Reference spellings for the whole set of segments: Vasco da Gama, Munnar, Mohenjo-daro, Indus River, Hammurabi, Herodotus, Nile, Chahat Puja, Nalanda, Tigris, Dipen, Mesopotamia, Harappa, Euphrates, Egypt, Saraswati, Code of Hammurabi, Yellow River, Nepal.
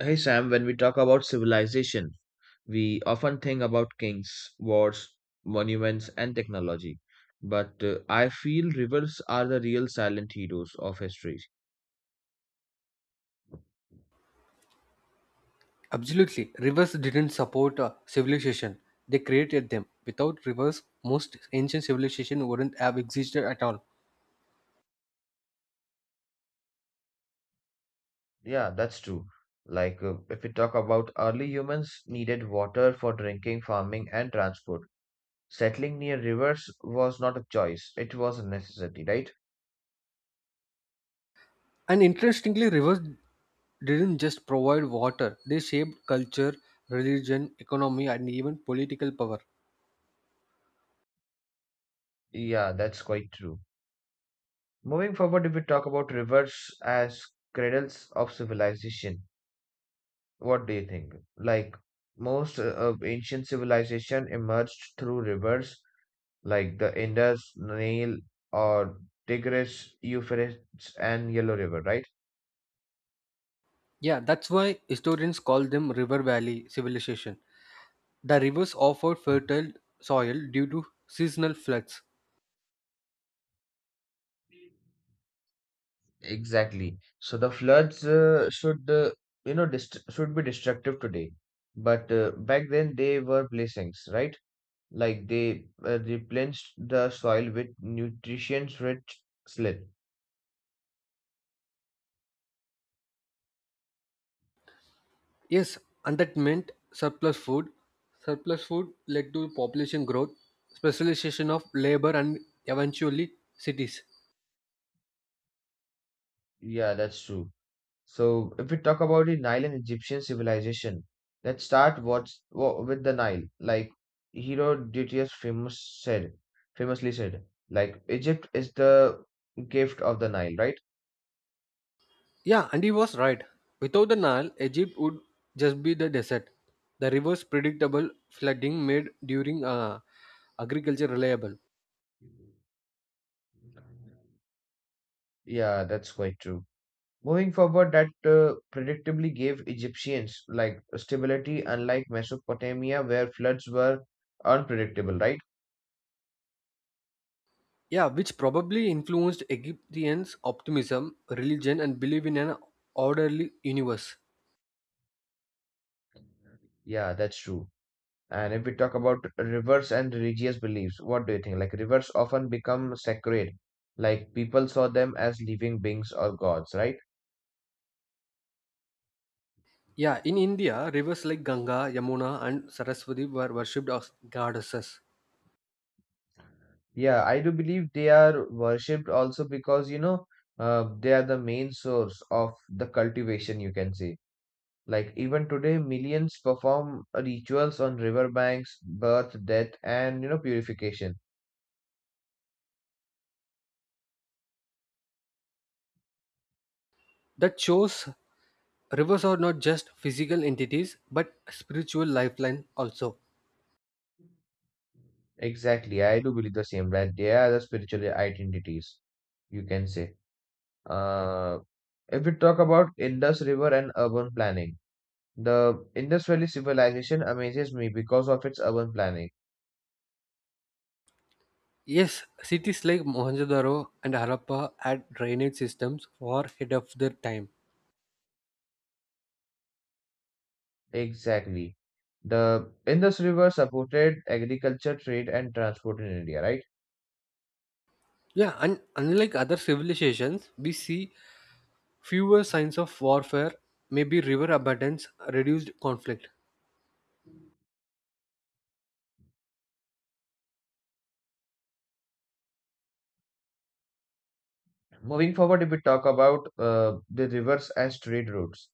Hey Sam, when we talk about civilization, we often think about kings, wars, monuments, and technology. But I feel rivers are the real silent heroes of history. Absolutely. Rivers didn't support civilization. They created them. Without rivers, most ancient civilization wouldn't have existed at all. Yeah, that's true. If we talk about early humans needed water for drinking, farming, and transport. Settling near rivers was not a choice, it was a necessity, right? And interestingly, rivers didn't just provide water. They shaped culture, religion, economy and even political power. Yeah, that's quite true. Moving forward, if we talk about rivers as cradles of civilization, what do you think? Like most of ancient civilization emerged through rivers like the Indus, Nile, or Tigris, Euphrates, and Yellow River, right? Yeah, that's why historians call them river valley civilization. The rivers offered fertile soil due to seasonal floods. Exactly. So the floods should you know dist should be destructive today, but back then they were blessings, right? Like they replenished the soil with nutrition-rich slip. Yes, and that meant surplus food. Surplus food led to population growth, specialization of labor, and eventually cities. Yeah, that's true. So, if we talk about the Nile and Egyptian civilization, let's start with the Nile. Like Herodotus famously said, like Egypt is the gift of the Nile, right? Yeah, and he was right. Without the Nile, Egypt would just be the desert. The river's predictable flooding made during agriculture reliable. Yeah, that's quite true. Moving forward, that predictably gave Egyptians like stability, unlike Mesopotamia, where floods were unpredictable, right? Yeah, which probably influenced Egyptians' optimism, religion, and belief in an orderly universe. Yeah, that's true. And if we talk about rivers and religious beliefs, what do you think? Like rivers often become sacred, like people saw them as living beings or gods, right? Yeah, in India, rivers like Ganga, Yamuna, and Saraswati were worshipped as goddesses. Yeah, I do believe they are worshipped also because you know they are the main source of the cultivation, you can say. Like even today, millions perform rituals on riverbanks, birth, death, and you know purification. That shows rivers are not just physical entities but spiritual lifeline also. Exactly, I do believe the same that they are the spiritual identities, you can say. Uh, if we talk about Indus River and urban planning, the Indus Valley civilization amazes me because of its urban planning. Yes, cities like Mohenjo-daro and Harappa had drainage systems far ahead of their time. Exactly. The Indus River supported agriculture, trade, and transport in India, right? Yeah, and unlike other civilizations, we see fewer signs of warfare, maybe river abundance, reduced conflict. Moving forward, if we talk about the rivers as trade routes,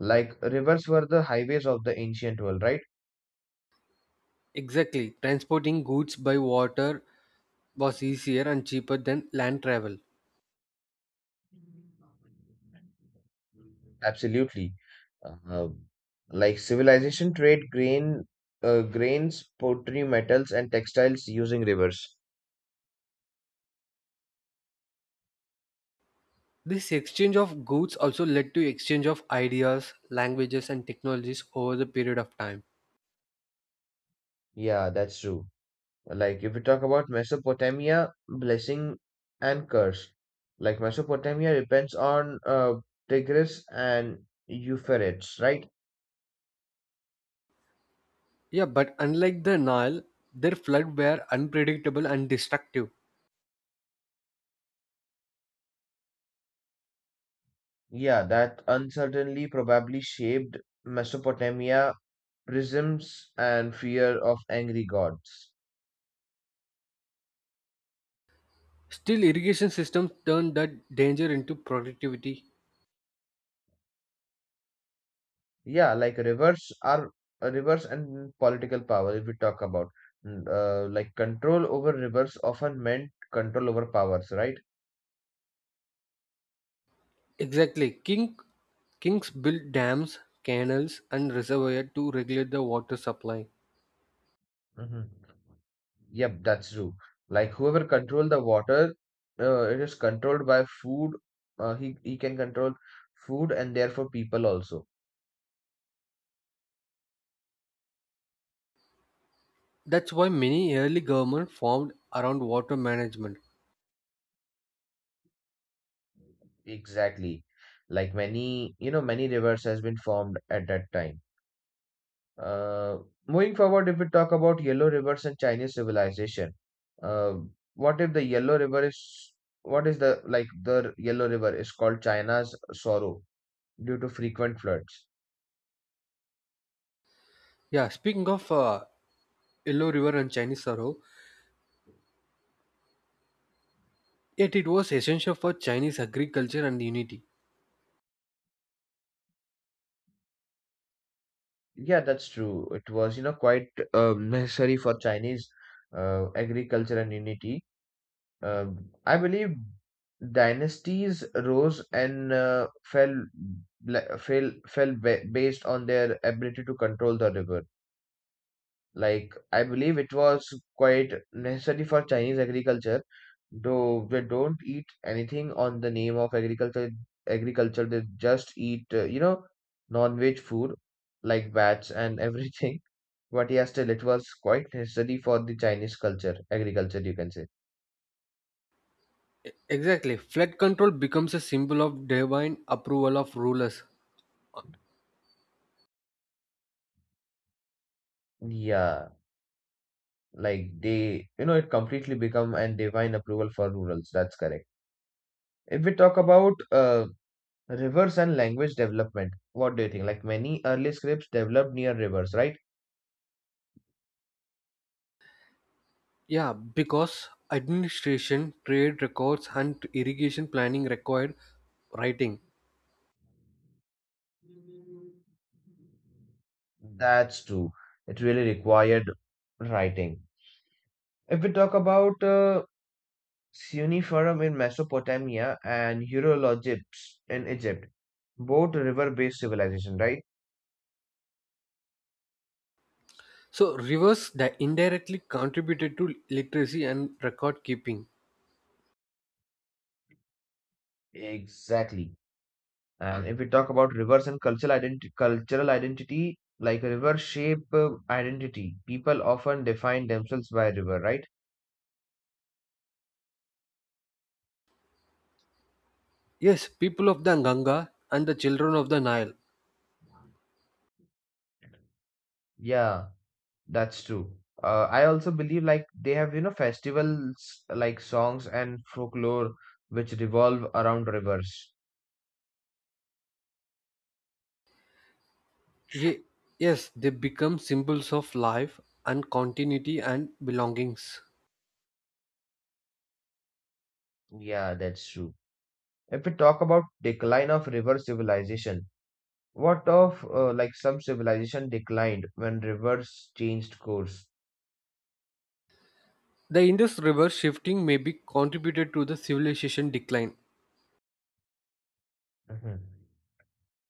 like rivers were the highways of the ancient world, right? Exactly, transporting goods by water was easier and cheaper than land travel. Absolutely. Uh, like civilization trade grains, pottery, metals, and textiles using rivers. This exchange of goods also led to exchange of ideas, languages, and technologies over the period of time. Yeah, that's true. Like if we talk about Mesopotamia, blessing and curse. Like Mesopotamia depends on Tigris and Euphrates, right? Yeah, but unlike the Nile, their flood were unpredictable and destructive. Yeah, that uncertainly probably shaped Mesopotamia prisms and fear of angry gods. Still, irrigation systems turned that danger into productivity. Yeah, like rivers and political power, if we talk about like control over rivers often meant control over powers, right? Exactly, kings built dams, canals, and reservoirs to regulate the water supply. hmm Yep, that's true. Like whoever control the water, it is controlled by food. He can control food and therefore people also. That's why many early governments formed around water management. Exactly. Like many, you know, many rivers has been formed at that time. Uh, Moving forward, if we talk about Yellow Rivers and Chinese civilization, uh, what if the Yellow River is what is the like the Yellow River is called China's sorrow due to frequent floods? Yeah, speaking of Yellow River and Chinese Sorrow, yet it was essential for Chinese agriculture and unity. Yeah, that's true. It was you know quite necessary for Chinese agriculture and unity. I believe dynasties rose and fell based on their ability to control the river. Like, I believe it was quite necessary for Chinese agriculture, though they don't eat anything on the name of agriculture. Agriculture, they just eat, you know, non-veg food like bats and everything. But yeah, still, it was quite necessary for the Chinese culture, agriculture, you can say. Exactly. Flood control becomes a symbol of divine approval of rulers. Uh, Yeah, like they, you know, it completely become an divine approval for rurals. That's correct. If we talk about rivers and language development. What do you think? Like many early scripts developed near rivers, right? Yeah, because administration, trade records, and irrigation planning required writing. That's true. It really required writing. If we talk about cuneiform in Mesopotamia and hieroglyphs in Egypt, both river-based civilization, right? So rivers that indirectly contributed to literacy and record keeping. Exactly. And if we talk about rivers and cultural identity, like river shape identity, people often define themselves by river, right? Yes, people of the Ganga and the children of the Nile. Yeah, that's true. I also believe like they have, you know, festivals like songs and folklore which revolve around rivers. Ye- yes, they become symbols of life and continuity and belongings. Yeah, that's true. If we talk about decline of river civilization, what of like some civilization declined when rivers changed course? The Indus River shifting may be contributed to the civilization decline. Mhm.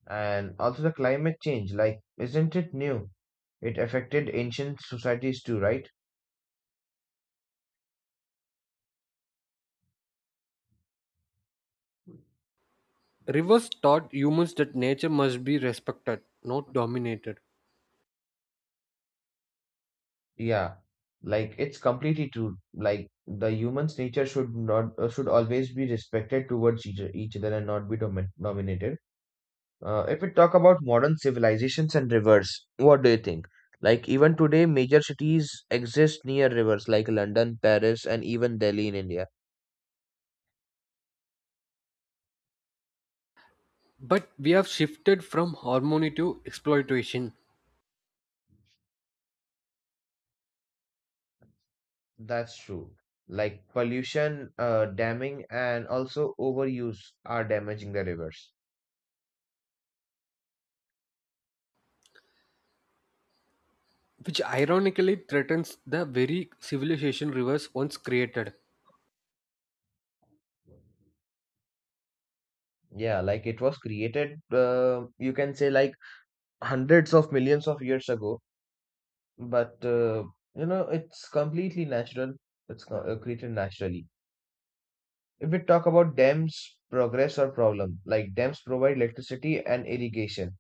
And also the climate change, like, isn't it new? It affected ancient societies too, right? Rivers taught humans that nature must be respected, not dominated. Yeah, like it's completely true. Like the human's nature should not should always be respected towards each other and not be dominated. If we talk about modern civilizations and rivers, what do you think? Like even today, major cities exist near rivers like London, Paris, and even Delhi in India. But we have shifted from harmony to exploitation, That's true. Like pollution, damming, and also overuse are damaging the rivers. which ironically threatens the very civilization rivers once created. Yeah, like it was created, you can say like hundreds of millions of years ago, but you know it's completely natural. It's created naturally. If we talk about dams, progress or problem, like dams provide electricity and irrigation.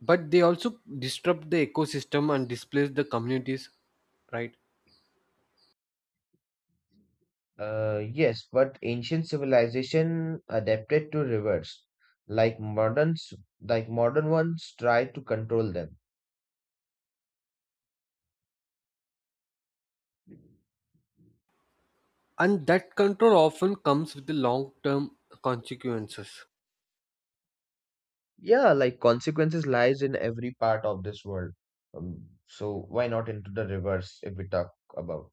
But they also disrupt the ecosystem and displace the communities, right? Yes, but ancient civilization adapted to rivers, like moderns, like modern ones try to control them. And that control often comes with the long term consequences. Yeah, like consequences lies in every part of this world. So why not into the rivers if we talk about?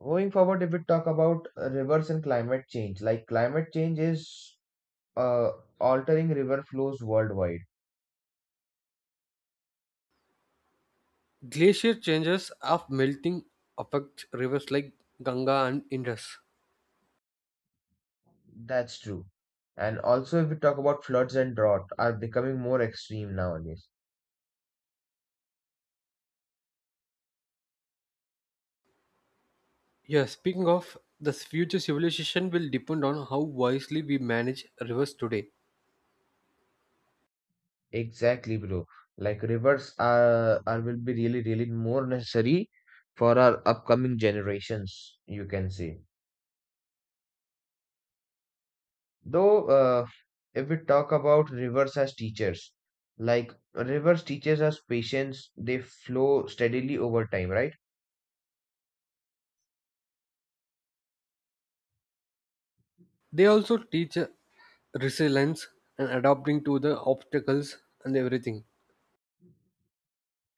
Going forward, if we talk about rivers and climate change, like climate change is uh, altering river flows worldwide. Glacier changes of melting affect rivers like Ganga and Indus. That's true. And also, if we talk about floods and drought, are becoming more extreme nowadays. Yeah, speaking of, the future civilization will depend on how wisely we manage rivers today. Exactly, bro. Like rivers are will be really, really more necessary for our upcoming generations, you can say. Though, if we talk about rivers as teachers, like rivers teaches us patience, they flow steadily over time, right? They also teach resilience and adapting to the obstacles and everything.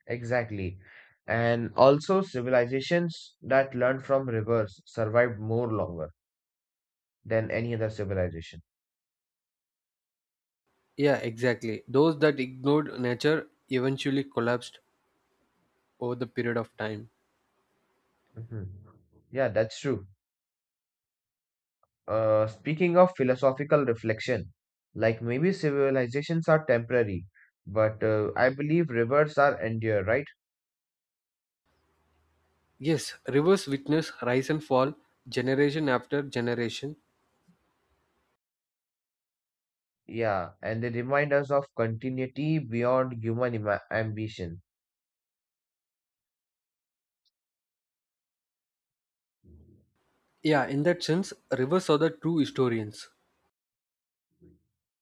Exactly. And also, civilizations that learned from rivers survived more longer than any other civilization. Yeah, exactly. Those that ignored nature eventually collapsed over the period of time. hmm Yeah, that's true. Speaking of philosophical reflection, like maybe civilizations are temporary, but I believe rivers are endure, right? Yes, rivers witness rise and fall generation after generation. Yeah, and they remind us of continuity beyond ambition. Yeah, in that sense, rivers are the true historians.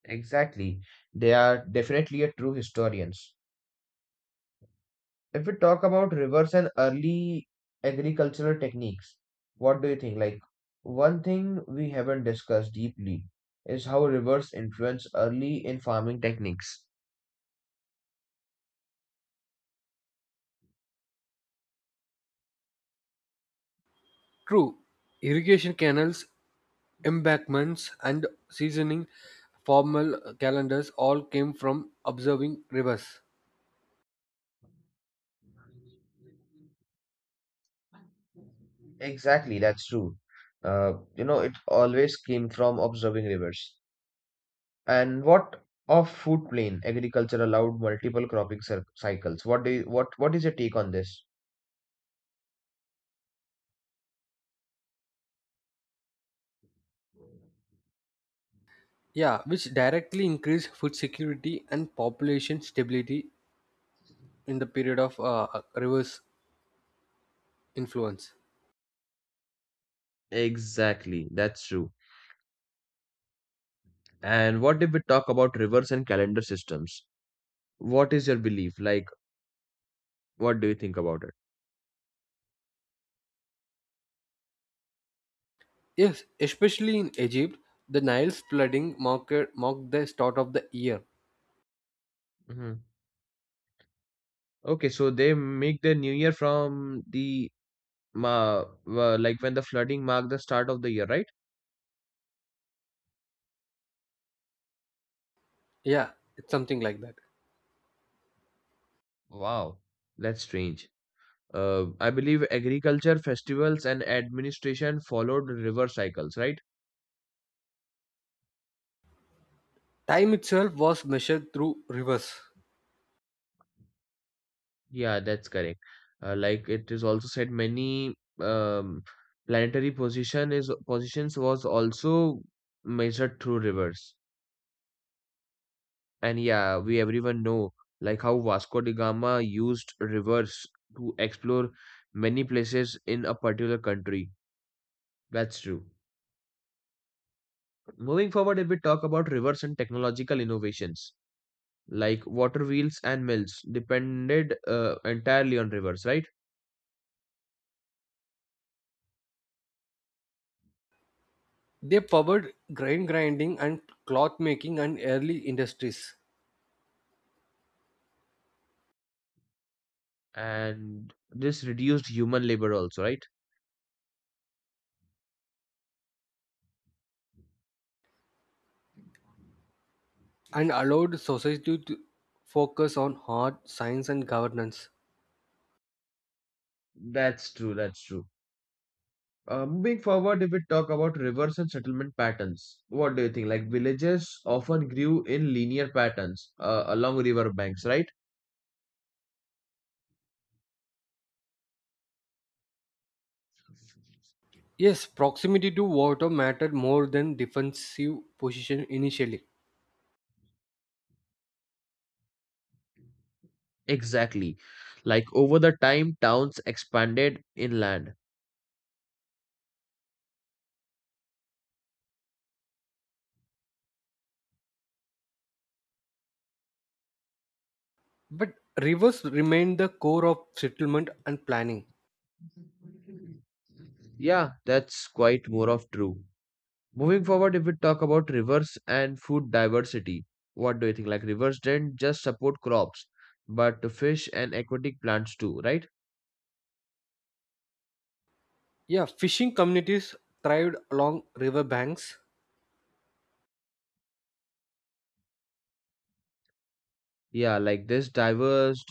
Exactly. They are definitely a true historians. If we talk about rivers and early agricultural techniques, what do you think? Like, one thing we haven't discussed deeply is how rivers influence early in farming techniques. True, irrigation canals, embankments, and seasoning formal calendars all came from observing rivers. Exactly, that's true. You know, it always came from observing rivers. And what of food plain agriculture allowed multiple cycles? What do you, what is your take on this? Yeah, which directly increased food security and population stability in the period of rivers influence. Exactly, that's true. And what if we talk about rivers and calendar systems? What is your belief? Like, what do you think about it? Yes, especially in Egypt, the Nile's flooding marked the start of the year. hmm Okay, so they make the new year from the ma like when the flooding marked the start of the year, right? Yeah, it's something like that. Wow, that's strange. I believe agriculture festivals and administration followed river cycles, right? Time itself was measured through rivers. Yeah, that's correct. Like it is also said, many um, planetary positions was also measured through rivers. And yeah, we everyone know like how Vasco da Gama used rivers to explore many places in a particular country. That's true. Moving forward, if we talk about rivers and technological innovations, like water wheels and mills depended entirely on rivers, right? They powered grain grinding and cloth making and early industries, And this reduced human labor also, right? and allowed society to focus on art, science, and governance. That's true. Moving forward, if we talk about rivers and settlement patterns, what do you think? Like villages often grew in linear patterns along river banks, right? Yes, proximity to water mattered more than defensive position initially, Exactly. Like over the time, towns expanded inland. but rivers remained the core of settlement and planning. Yeah, that's quite more of true. Moving forward, if we talk about rivers and food diversity, what do you think? Like rivers didn't just support crops, but fish and aquatic plants too, right? Yeah, fishing communities thrived along river banks. Yeah, like this diverse,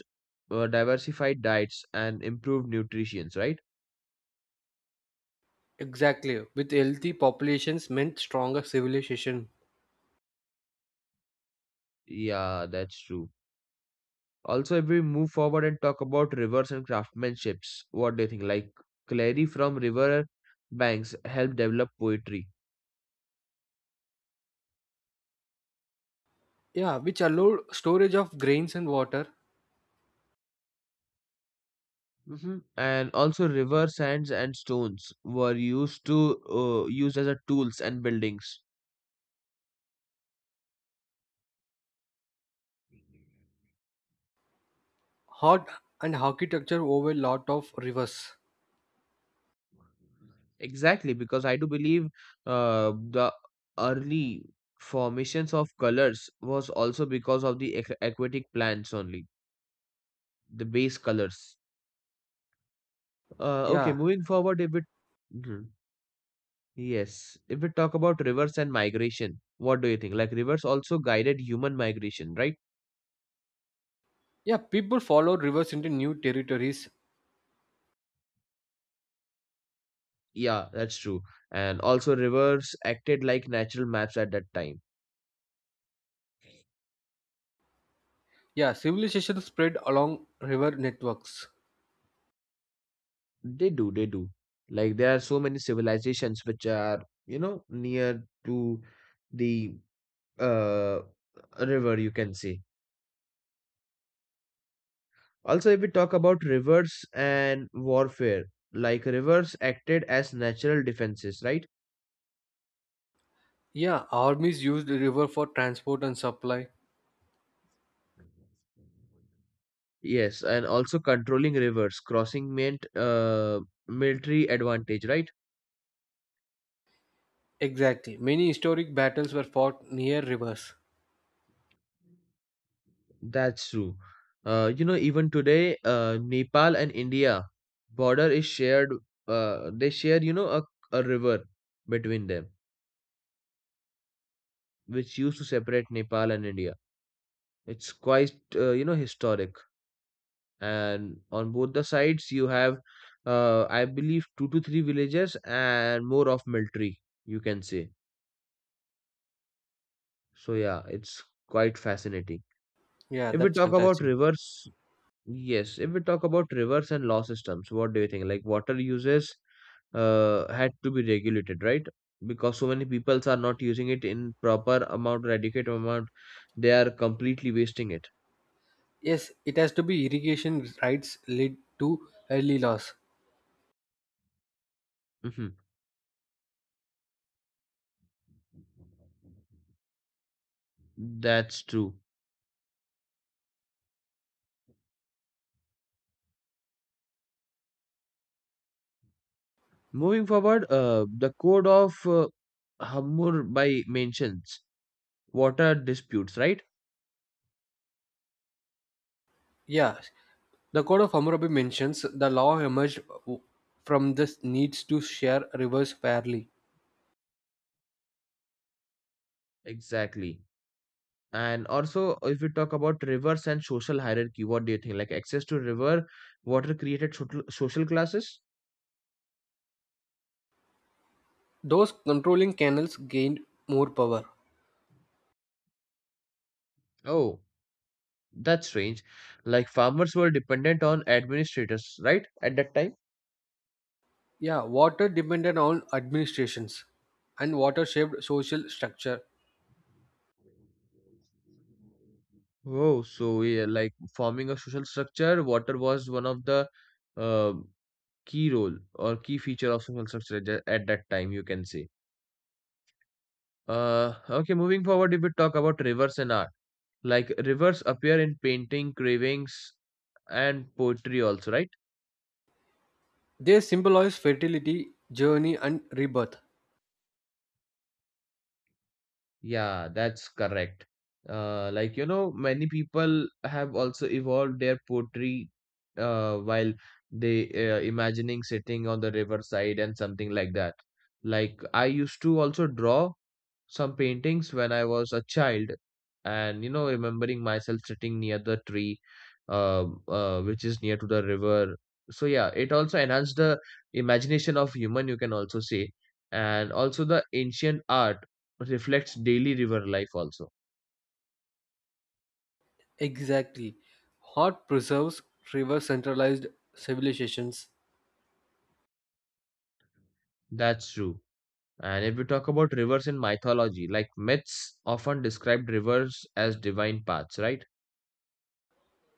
uh, diversified diets and improved nutritions, right? Exactly, with healthy populations meant stronger civilization. Yeah, that's true. Also, if we move forward and talk about rivers and craftsmanships, what do you think? Like Clary from river banks helped develop poetry. Yeah, which allowed storage of grains and water. And also, river sands and stones were used as a tools and buildings. Hot and architecture over lot of rivers. Exactly, because I do believe the early formations of colors was also because of the aquatic plants only, the base colors. Okay, Yeah. moving forward, if it Mhm. Yes, if we talk about rivers and migration, what do you think? Like rivers also guided human migration, right? Yeah, people followed rivers into new territories. Yeah, that's true. And also rivers acted like natural maps at that time. Yeah, civilization spread along river networks. They do, they do. Like there are so many civilizations which are, you know, near to the uh river, you can say. Also, if we talk about rivers and warfare, like rivers acted as natural defenses, right? Yeah, armies used the river for transport and supply. Yes, and also controlling rivers, crossing meant military advantage, right? Exactly. Many historic battles were fought near rivers. That's true. You know, even today, Nepal and India border is shared. They share, you know, a river between them, which used to separate Nepal and India. It's quite, you know, historic. And on both the sides, you have, I believe, two to three villages and more of military, you can say. So yeah, it's quite fascinating. Yeah, If we that's talk about fantastic. rivers, Yes, if we talk about rivers and law systems, what do you think? Like water uses had to be regulated, right? Because so many peoples are not using it in proper amount or adequate amount, they are completely wasting it. Yes, it has to be irrigation rights led to early laws. Hmm. That's true. Moving forward, the code of Hammurabi mentions water disputes, right? Yeah, the Code of Hammurabi mentions the law emerged from this needs to share rivers fairly. Exactly. And also, if we talk about rivers and social hierarchy, what do you think? Like access to river, water created social classes? Those controlling canals gained more power. Oh, that's strange. Like farmers were dependent on administrators, right? At that time. Yeah, water depended on administrations and water shaped social structure. Oh, so yeah, like forming a social structure, water was one of the uh, key role or key feature of social structure at that time, you can say. Okay, moving forward, if we talk about rivers and art, like rivers appear in painting, carvings, and poetry also, right? They symbolize fertility, journey, and rebirth. Yeah, that's correct. Like, you know, many people have also evolved their poetry while they imagining sitting on the riverside and something like that. Like, I used to also draw some paintings when I was a child, and you know, remembering myself sitting near the tree, which is near to the river. So yeah, it also enhanced the imagination of human. You can also say, and also the ancient art reflects daily river life. Also, Exactly. Hot preserves river centralized civilizations. that's true. And if we talk about rivers in mythology, like myths often described rivers as divine paths, right?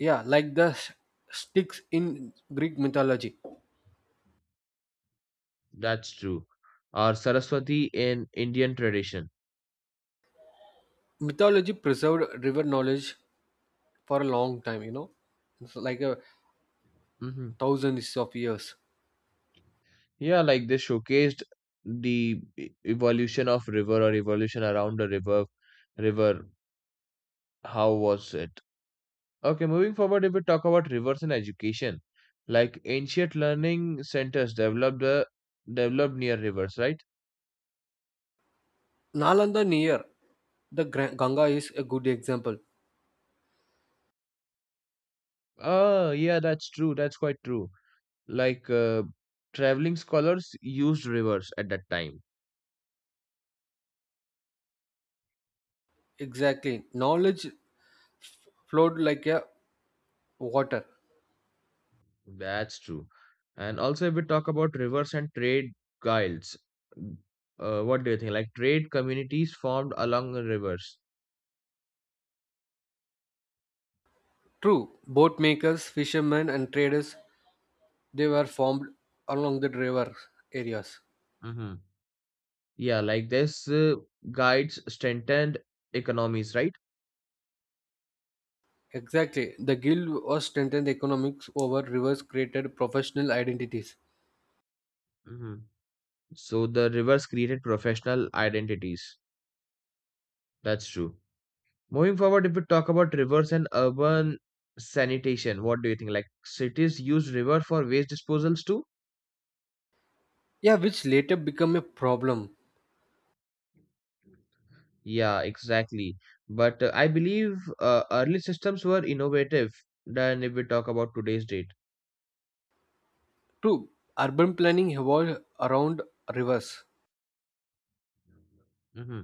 Yeah, like the Styx in Greek mythology. That's true. Or Saraswati in Indian tradition. Mythology preserved river knowledge for a long time, you know, it's like a Mhm. thousands of years. Yeah, like they showcased the evolution of river or evolution around the river. River, how was it? Okay, moving forward, if we talk about rivers in education, like ancient learning centers developed developed near rivers, right? Nalanda near the Ganga is a good example. Oh, yeah, that's true. That's quite true. Like traveling scholars used rivers at that time. Exactly. Knowledge flowed like a water. That's true. And also, if we talk about rivers and trade guilds, what do you think? Like trade communities formed along the rivers. True, boat makers, fishermen, and traders they were formed along the river areas. Mm-hmm. Yeah, like this guides strengthened economies, right? Exactly. The guild was strengthened economics over rivers created professional identities. Mm-hmm. So the rivers created professional identities. That's true. Moving forward, if we talk about rivers and urban sanitation, what do you think? Like cities use river for waste disposals too? Yeah, which later became a problem. Yeah, exactly. But I believe early systems were innovative than if we talk about today's date. True, urban planning evolved around rivers. Hmm.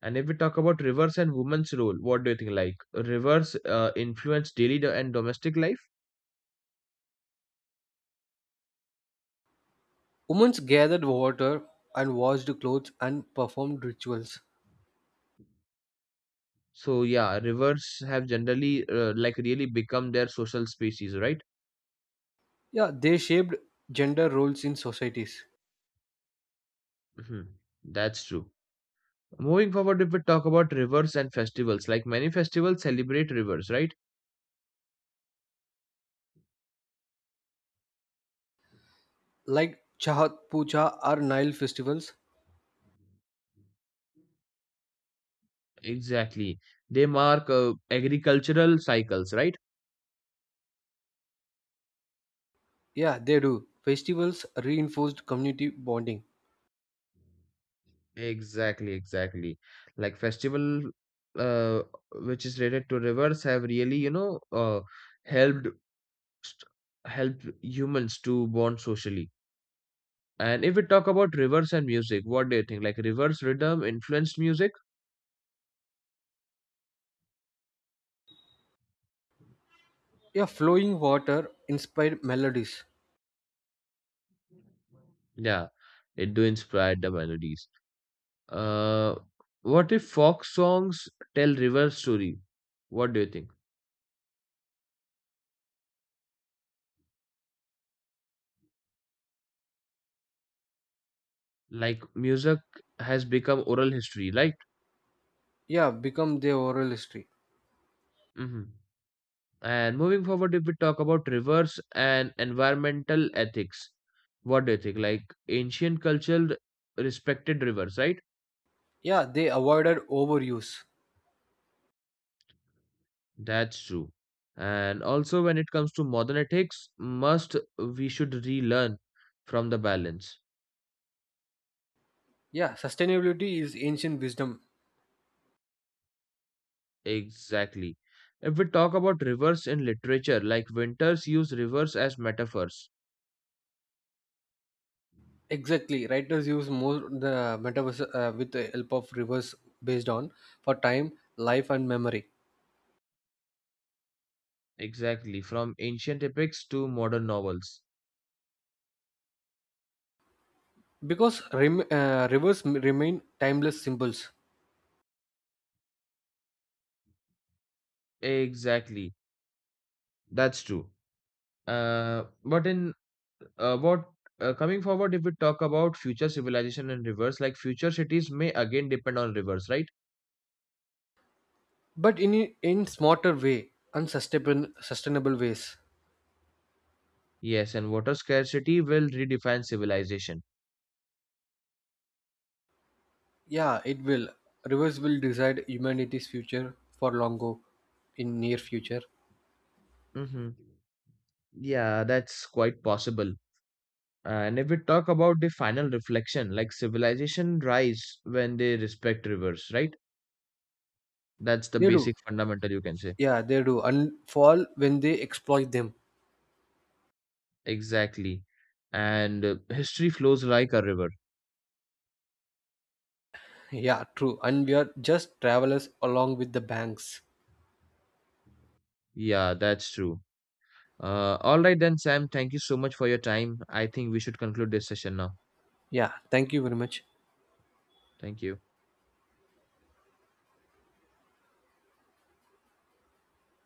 And if we talk about rivers and women's role, what do you think? Like rivers influence daily and domestic life. Women gathered water and washed clothes and performed rituals. So yeah, rivers have generally like really become their social species, right? Yeah, they shaped gender roles in societies. Hmm. That's true. Moving forward, if we talk about rivers and festivals, like many festivals celebrate rivers, right? Like Chahat Puja or Nile festivals. Exactly. They mark agricultural cycles, right? Yeah, they do. Festivals reinforced community bonding. Exactly, exactly. Like festival, uh, which is related to rivers, have really, you know, helped st- helped humans to bond socially. And if we talk about rivers and music, what do you think? Like rivers rhythm influenced music? Yeah, flowing water inspired melodies. Yeah, it do inspire the melodies. Uh, what if folk songs tell river story? What do you think? Like music has become oral history, right? Yeah, become their oral history. Mm-hmm. And moving forward, if we talk about rivers and environmental ethics, what do you think? Like ancient culture respected rivers, right? Yeah, they avoided overuse. That's true. And also, when it comes to modern ethics, must we should relearn from the balance. Yeah, sustainability is ancient wisdom. Exactly. If we talk about rivers in literature, like winters use rivers as metaphors. Exactly, writers use more the metaverse with the help of rivers based on for time, life, and memory Exactly. From ancient epics to modern novels. because rivers remain timeless symbols. Exactly. That's true. But in what Coming forward, if we talk about future civilization and rivers, like future cities may again depend on rivers, right? But in smarter way unsustainable sustainable ways. Yes, and water scarcity will redefine civilization. Yeah, it will. Rivers will decide humanity's future for long go in near future. Mm-hmm. Yeah, that's quite possible. And if we talk about the final reflection, like civilization rise when they respect rivers, right? That's the They do. basic fundamental you can say. Yeah, they do, and fall when they exploit them. Exactly. And history flows like a river. Yeah, true, and we are just travelers along with the banks. Yeah, that's true. All right then, Sam. Thank you so much for your time. I think we should conclude this session now. Yeah, thank you very much. Thank you.